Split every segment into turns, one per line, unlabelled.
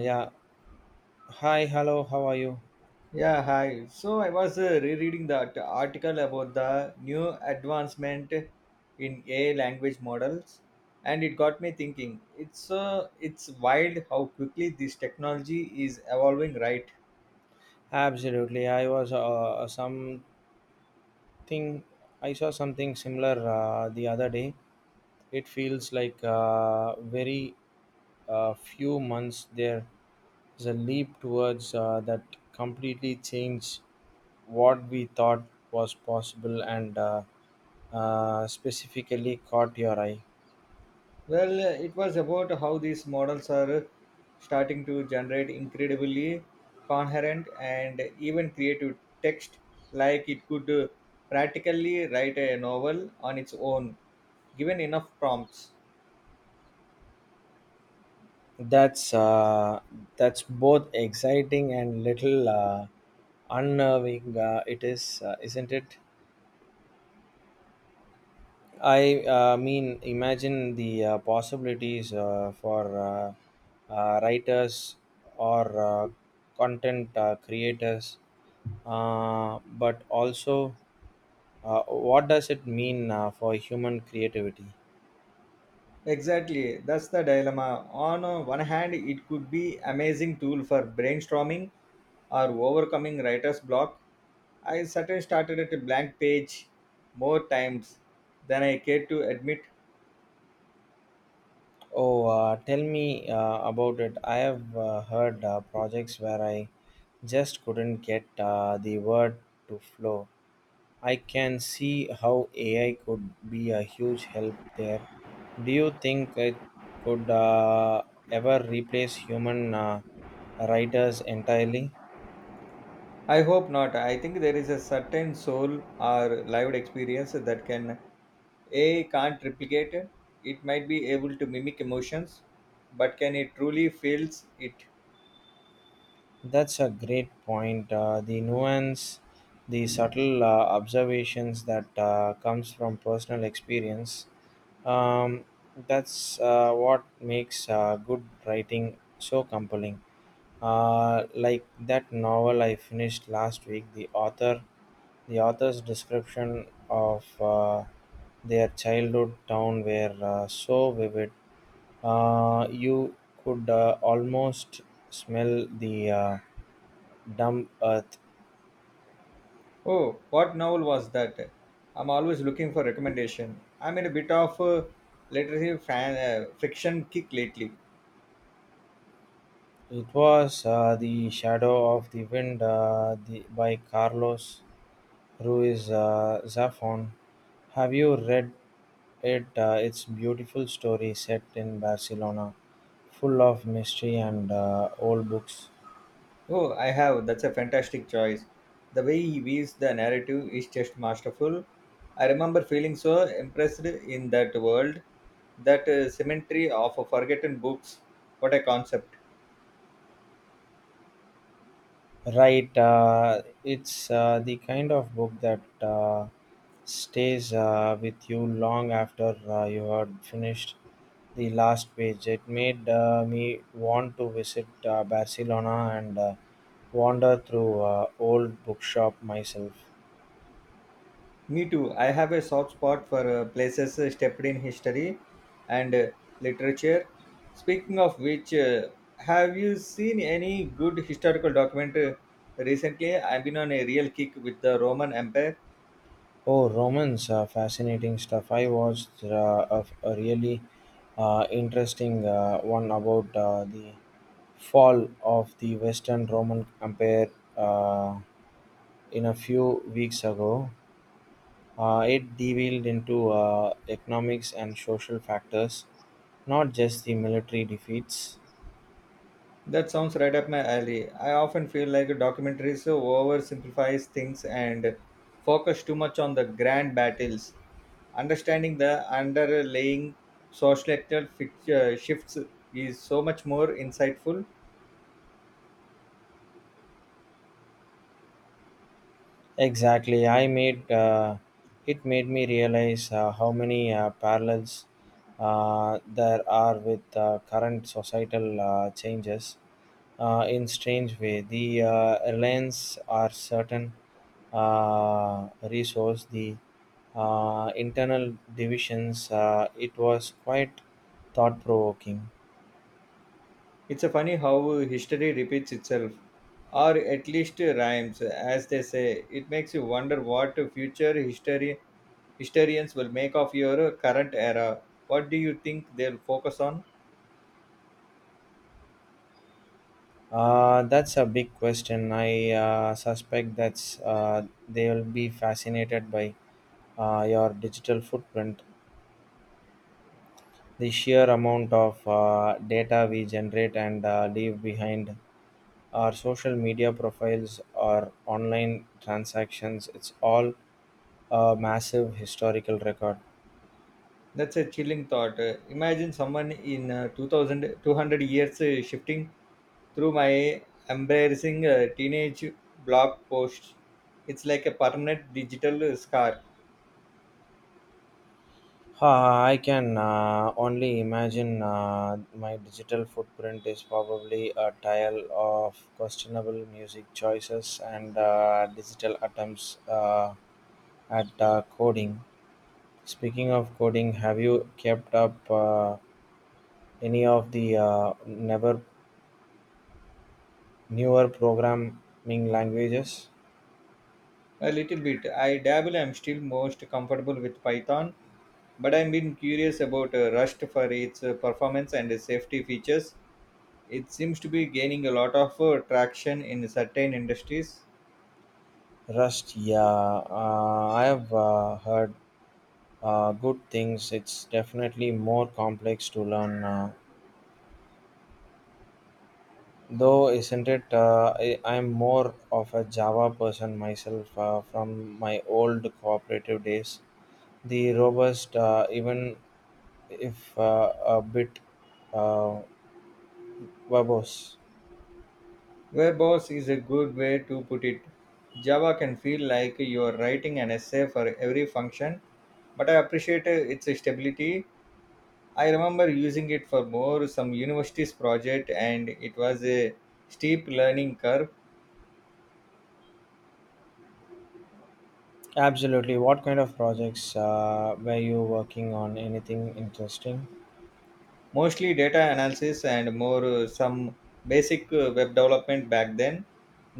Yeah. Hi. Hello. How are you?
Yeah, hi. So I was rereading that article about the new advancement in AI language models, and it got me thinking. It's wild how quickly this technology is evolving, right?
Absolutely. I was something. I saw something similar the other day. It feels like very few months there is a leap towards that completely change what we thought was possible and specifically caught your eye.
Well, it was about how these models are starting to generate incredibly coherent and even creative text, like it could practically write a novel on its own, given enough prompts.
That's uh, that's both exciting and little unnerving. It is, isn't it? I mean, imagine the possibilities for writers or content creators, but also what does it mean for human creativity?
Exactly, that's the dilemma. On one hand, it could be amazing tool for brainstorming or overcoming writer's block. I certainly started at a blank page more times than I care to admit.
Oh, Tell me about it. I have heard projects where I just couldn't get the word to flow. I can see how AI could be a huge help there. Do you think it could ever replace human writers entirely?
I hope not. I think there is a certain soul or lived experience that can A can't replicate. It might be able to mimic emotions, but can it truly feels it?
That's a great point. The nuance, the subtle observations that comes from personal experience. Um, that's what makes good writing so compelling. Like that novel I finished last week. The author's description of their childhood town were so vivid you could almost smell the damp earth.
Oh, what novel was that? I'm always looking for recommendation. I'm in a bit of a literary fan fiction kick lately.
It was the Shadow of the Wind by Carlos Ruiz Zafon. Have you read it? It's beautiful story set in Barcelona, full of mystery and old books.
Oh, I have. That's a fantastic choice. The way he weaves the narrative is just masterful. I remember feeling so impressed in that world, that cemetery of forgotten books. What a concept!
Right, it's the kind of book that stays with you long after you had finished the last page. It made me want to visit Barcelona and wander through old bookshop myself.
Me too. I have a soft spot for places steeped in history and literature. Speaking of which, have you seen any good historical documentary recently? I've been on a real kick with the Roman Empire.
Oh, Romans, fascinating stuff. I watched a really interesting one about the fall of the Western Roman Empire. Uh, in a few weeks ago, it delved into economics and social factors, not just the military defeats.
That sounds right up my alley. I often feel like documentaries oversimplifies things and focus too much on the grand battles. Understanding the underlying social structural shifts is so much more insightful.
Exactly. I made it made me realize how many parallels there are with current societal changes. In strange way, the reliance are certain resource, the internal divisions. It was quite thought provoking.
It's a funny how history repeats itself, or at least rhymes, as they say. It makes you wonder what future history historians will make of your current era. What do you think they'll focus on?
That's a big question. I suspect that's they will be fascinated by your digital footprint, the sheer amount of data we generate and leave behind, our social media profiles, our online transactions. It's all a massive historical record.
That's a chilling thought. Imagine someone in 2000, years shifting through my embarrassing teenage blog posts. It's like a permanent digital scar.
Uh, I can only imagine my digital footprint is probably a tile of questionable music choices and digital attempts at coding. Speaking of coding, have you kept up any of the never newer programming languages?
A little bit. I dabble. I'm still most comfortable with Python. But I've been curious about Rust for its performance and its safety features. It seems to be gaining a lot of traction in certain industries.
Rust, yeah, I have heard good things. It's definitely more complex to learn. Though, isn't it? I'm more of a Java person myself from my old cooperative days. The robust, even if a bit uh, verbose.
Warehouse is a good way to put it. Java can feel like you're writing an essay for every function, but I appreciate its stability. I remember using it for more some university's project, and it was a steep learning curve.
Absolutely. What kind of projects were you working on? Anything interesting?
Mostly data analysis and more some basic web development back then,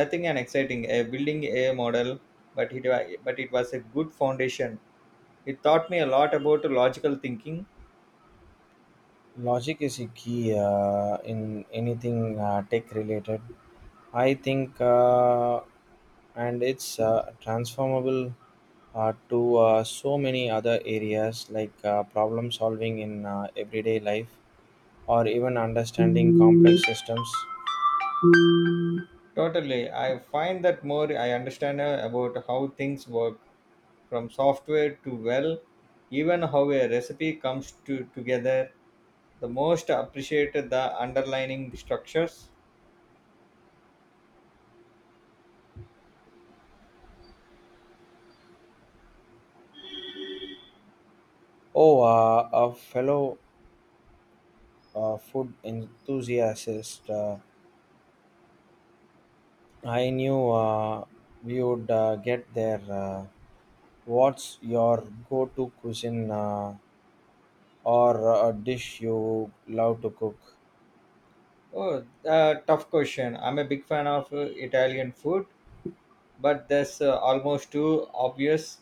nothing an exciting a building a model, but it was a good foundation. It taught me a lot about logical thinking.
Logic is a key in anything tech related. I think, and it's transformable to so many other areas like problem solving in everyday life or even understanding complex systems.
Totally. I find that more I understand about how things work, from software to well, even how a recipe comes to together, the most appreciated the underlining structures.
Oh, a fellow food enthusiast, I knew we would get there. What's your go to cuisine? Or a dish you love to cook?
Oh, tough question. I'm a big fan of Italian food, but that's almost too obvious.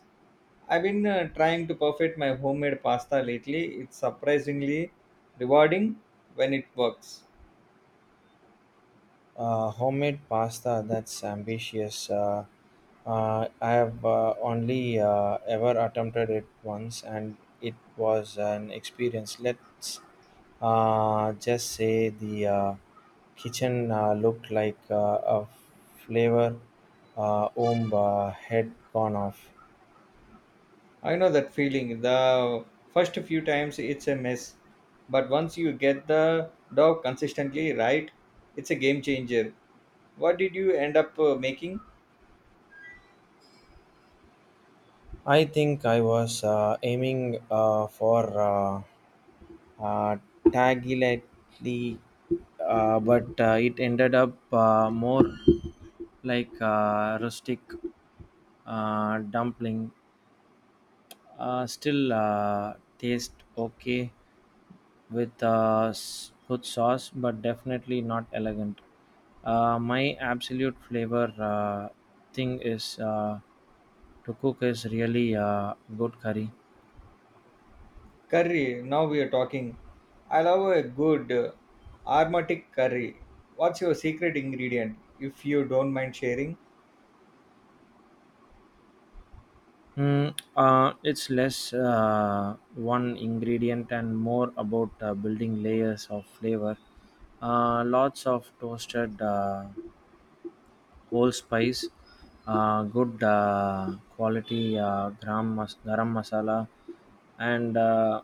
I've been trying to perfect my homemade pasta lately. It's surprisingly rewarding when it works.
Homemade pasta, that's ambitious. I have only ever attempted it once and it was an experience. Let's just say the kitchen looked like a flavor omb had gone off.
I know that feeling. The first few times it's a mess, but once you get the dough consistently right, it's a game changer. What did you end up making?
I think I was aiming for. uh, taglightly, but it ended up more like a rustic dumpling. Still taste okay with good sauce, but definitely not elegant. My absolute flavor thing is to cook is really good curry.
Curry. Now we are talking. I love a good aromatic curry. What's your secret ingredient, if you don't mind sharing?
It's less one ingredient and more about building layers of flavor. Lots of toasted whole spice, good quality garam masala, and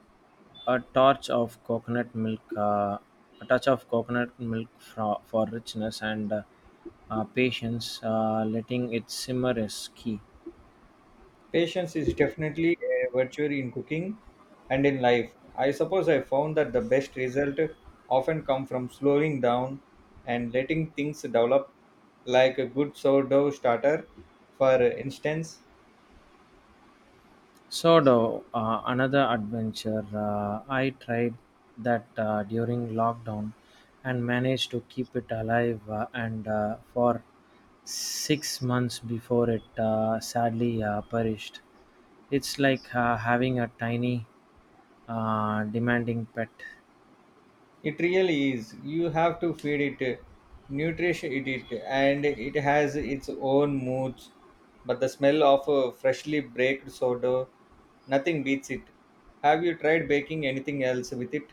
a touch of coconut milk. A touch of coconut milk for richness and patience. Letting it simmer is key.
Patience is definitely a virtue in cooking and in life. I suppose I found that the best result often come from slowing down and letting things develop, like a good sourdough starter, for instance.
Sodo, another adventure. I tried that during lockdown and managed to keep it alive and for 6 months before it sadly perished. It's like having a tiny, demanding pet.
It really is. You have to feed it, nourish it, and it has its own moods, but the smell of a freshly baked sourdough, nothing beats it. Have you tried baking anything else with it?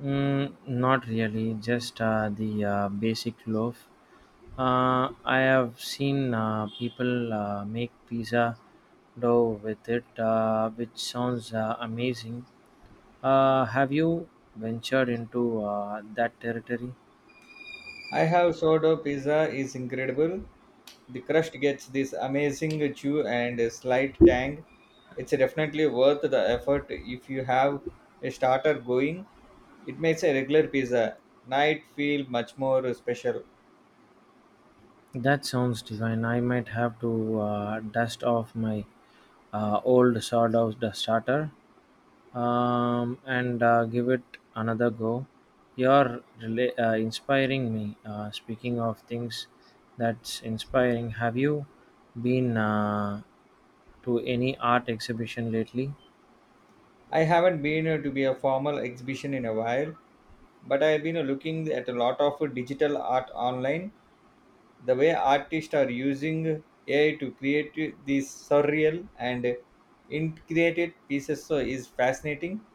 Not really, just the basic loaf. I have seen people make pizza dough with it, which sounds amazing. Have you ventured into that territory?
I have. Sourdough pizza is incredible. The crust gets this amazing chew and a slight tang. It's definitely worth the effort if you have a starter going. It makes a regular pizza night feel much more special.
That sounds divine. I might have to dust off my old sawdust starter and give it another go. You're really, inspiring me. Speaking of things that's inspiring, have you been to any art exhibition lately?
I haven't been to be a formal exhibition in a while, but I've been looking at a lot of digital art online. The way artists are using AI to create these surreal and integrated pieces so is fascinating.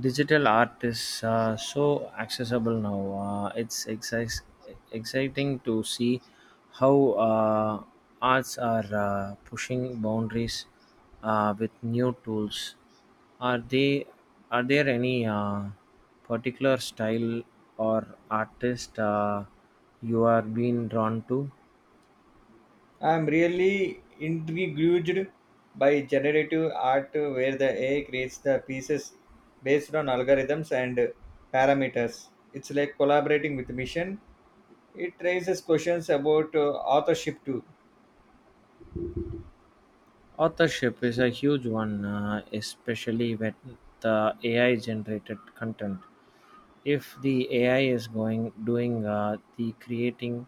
Digital art is so accessible now. It's exciting to see how arts are pushing boundaries with new tools. Are they are there any particular style or artist you are being drawn to?
I'm really intrigued by generative art where the AI creates the pieces based on algorithms and parameters. It's like collaborating with mission. It raises questions about authorship too.
Authorship is a huge one, especially with the AI generated content. If the AI is going doing the creating,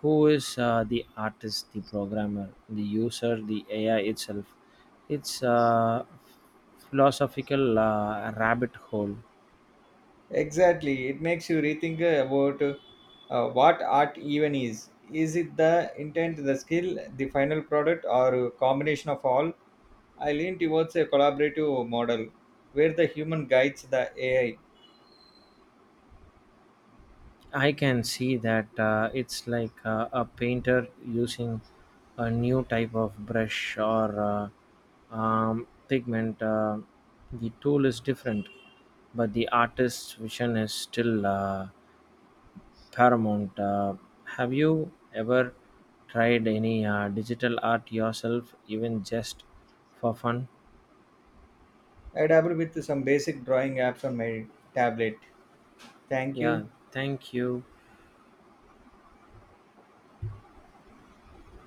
who is the artist, the programmer, the user, the AI itself? It's a philosophical rabbit hole.
Exactly. It makes you rethink about what art even is. Is it the intent, the skill, the final product, or a combination of all? I lean towards a collaborative model where the human guides the AI.
I can see that it's like a painter using a new type of brush or pigment. The tool is different, but the artist's vision is still. Paramount. Have you ever tried any digital art yourself, even just for fun?
I dabble with some basic drawing apps on my tablet. Thank you.
Yeah, thank you.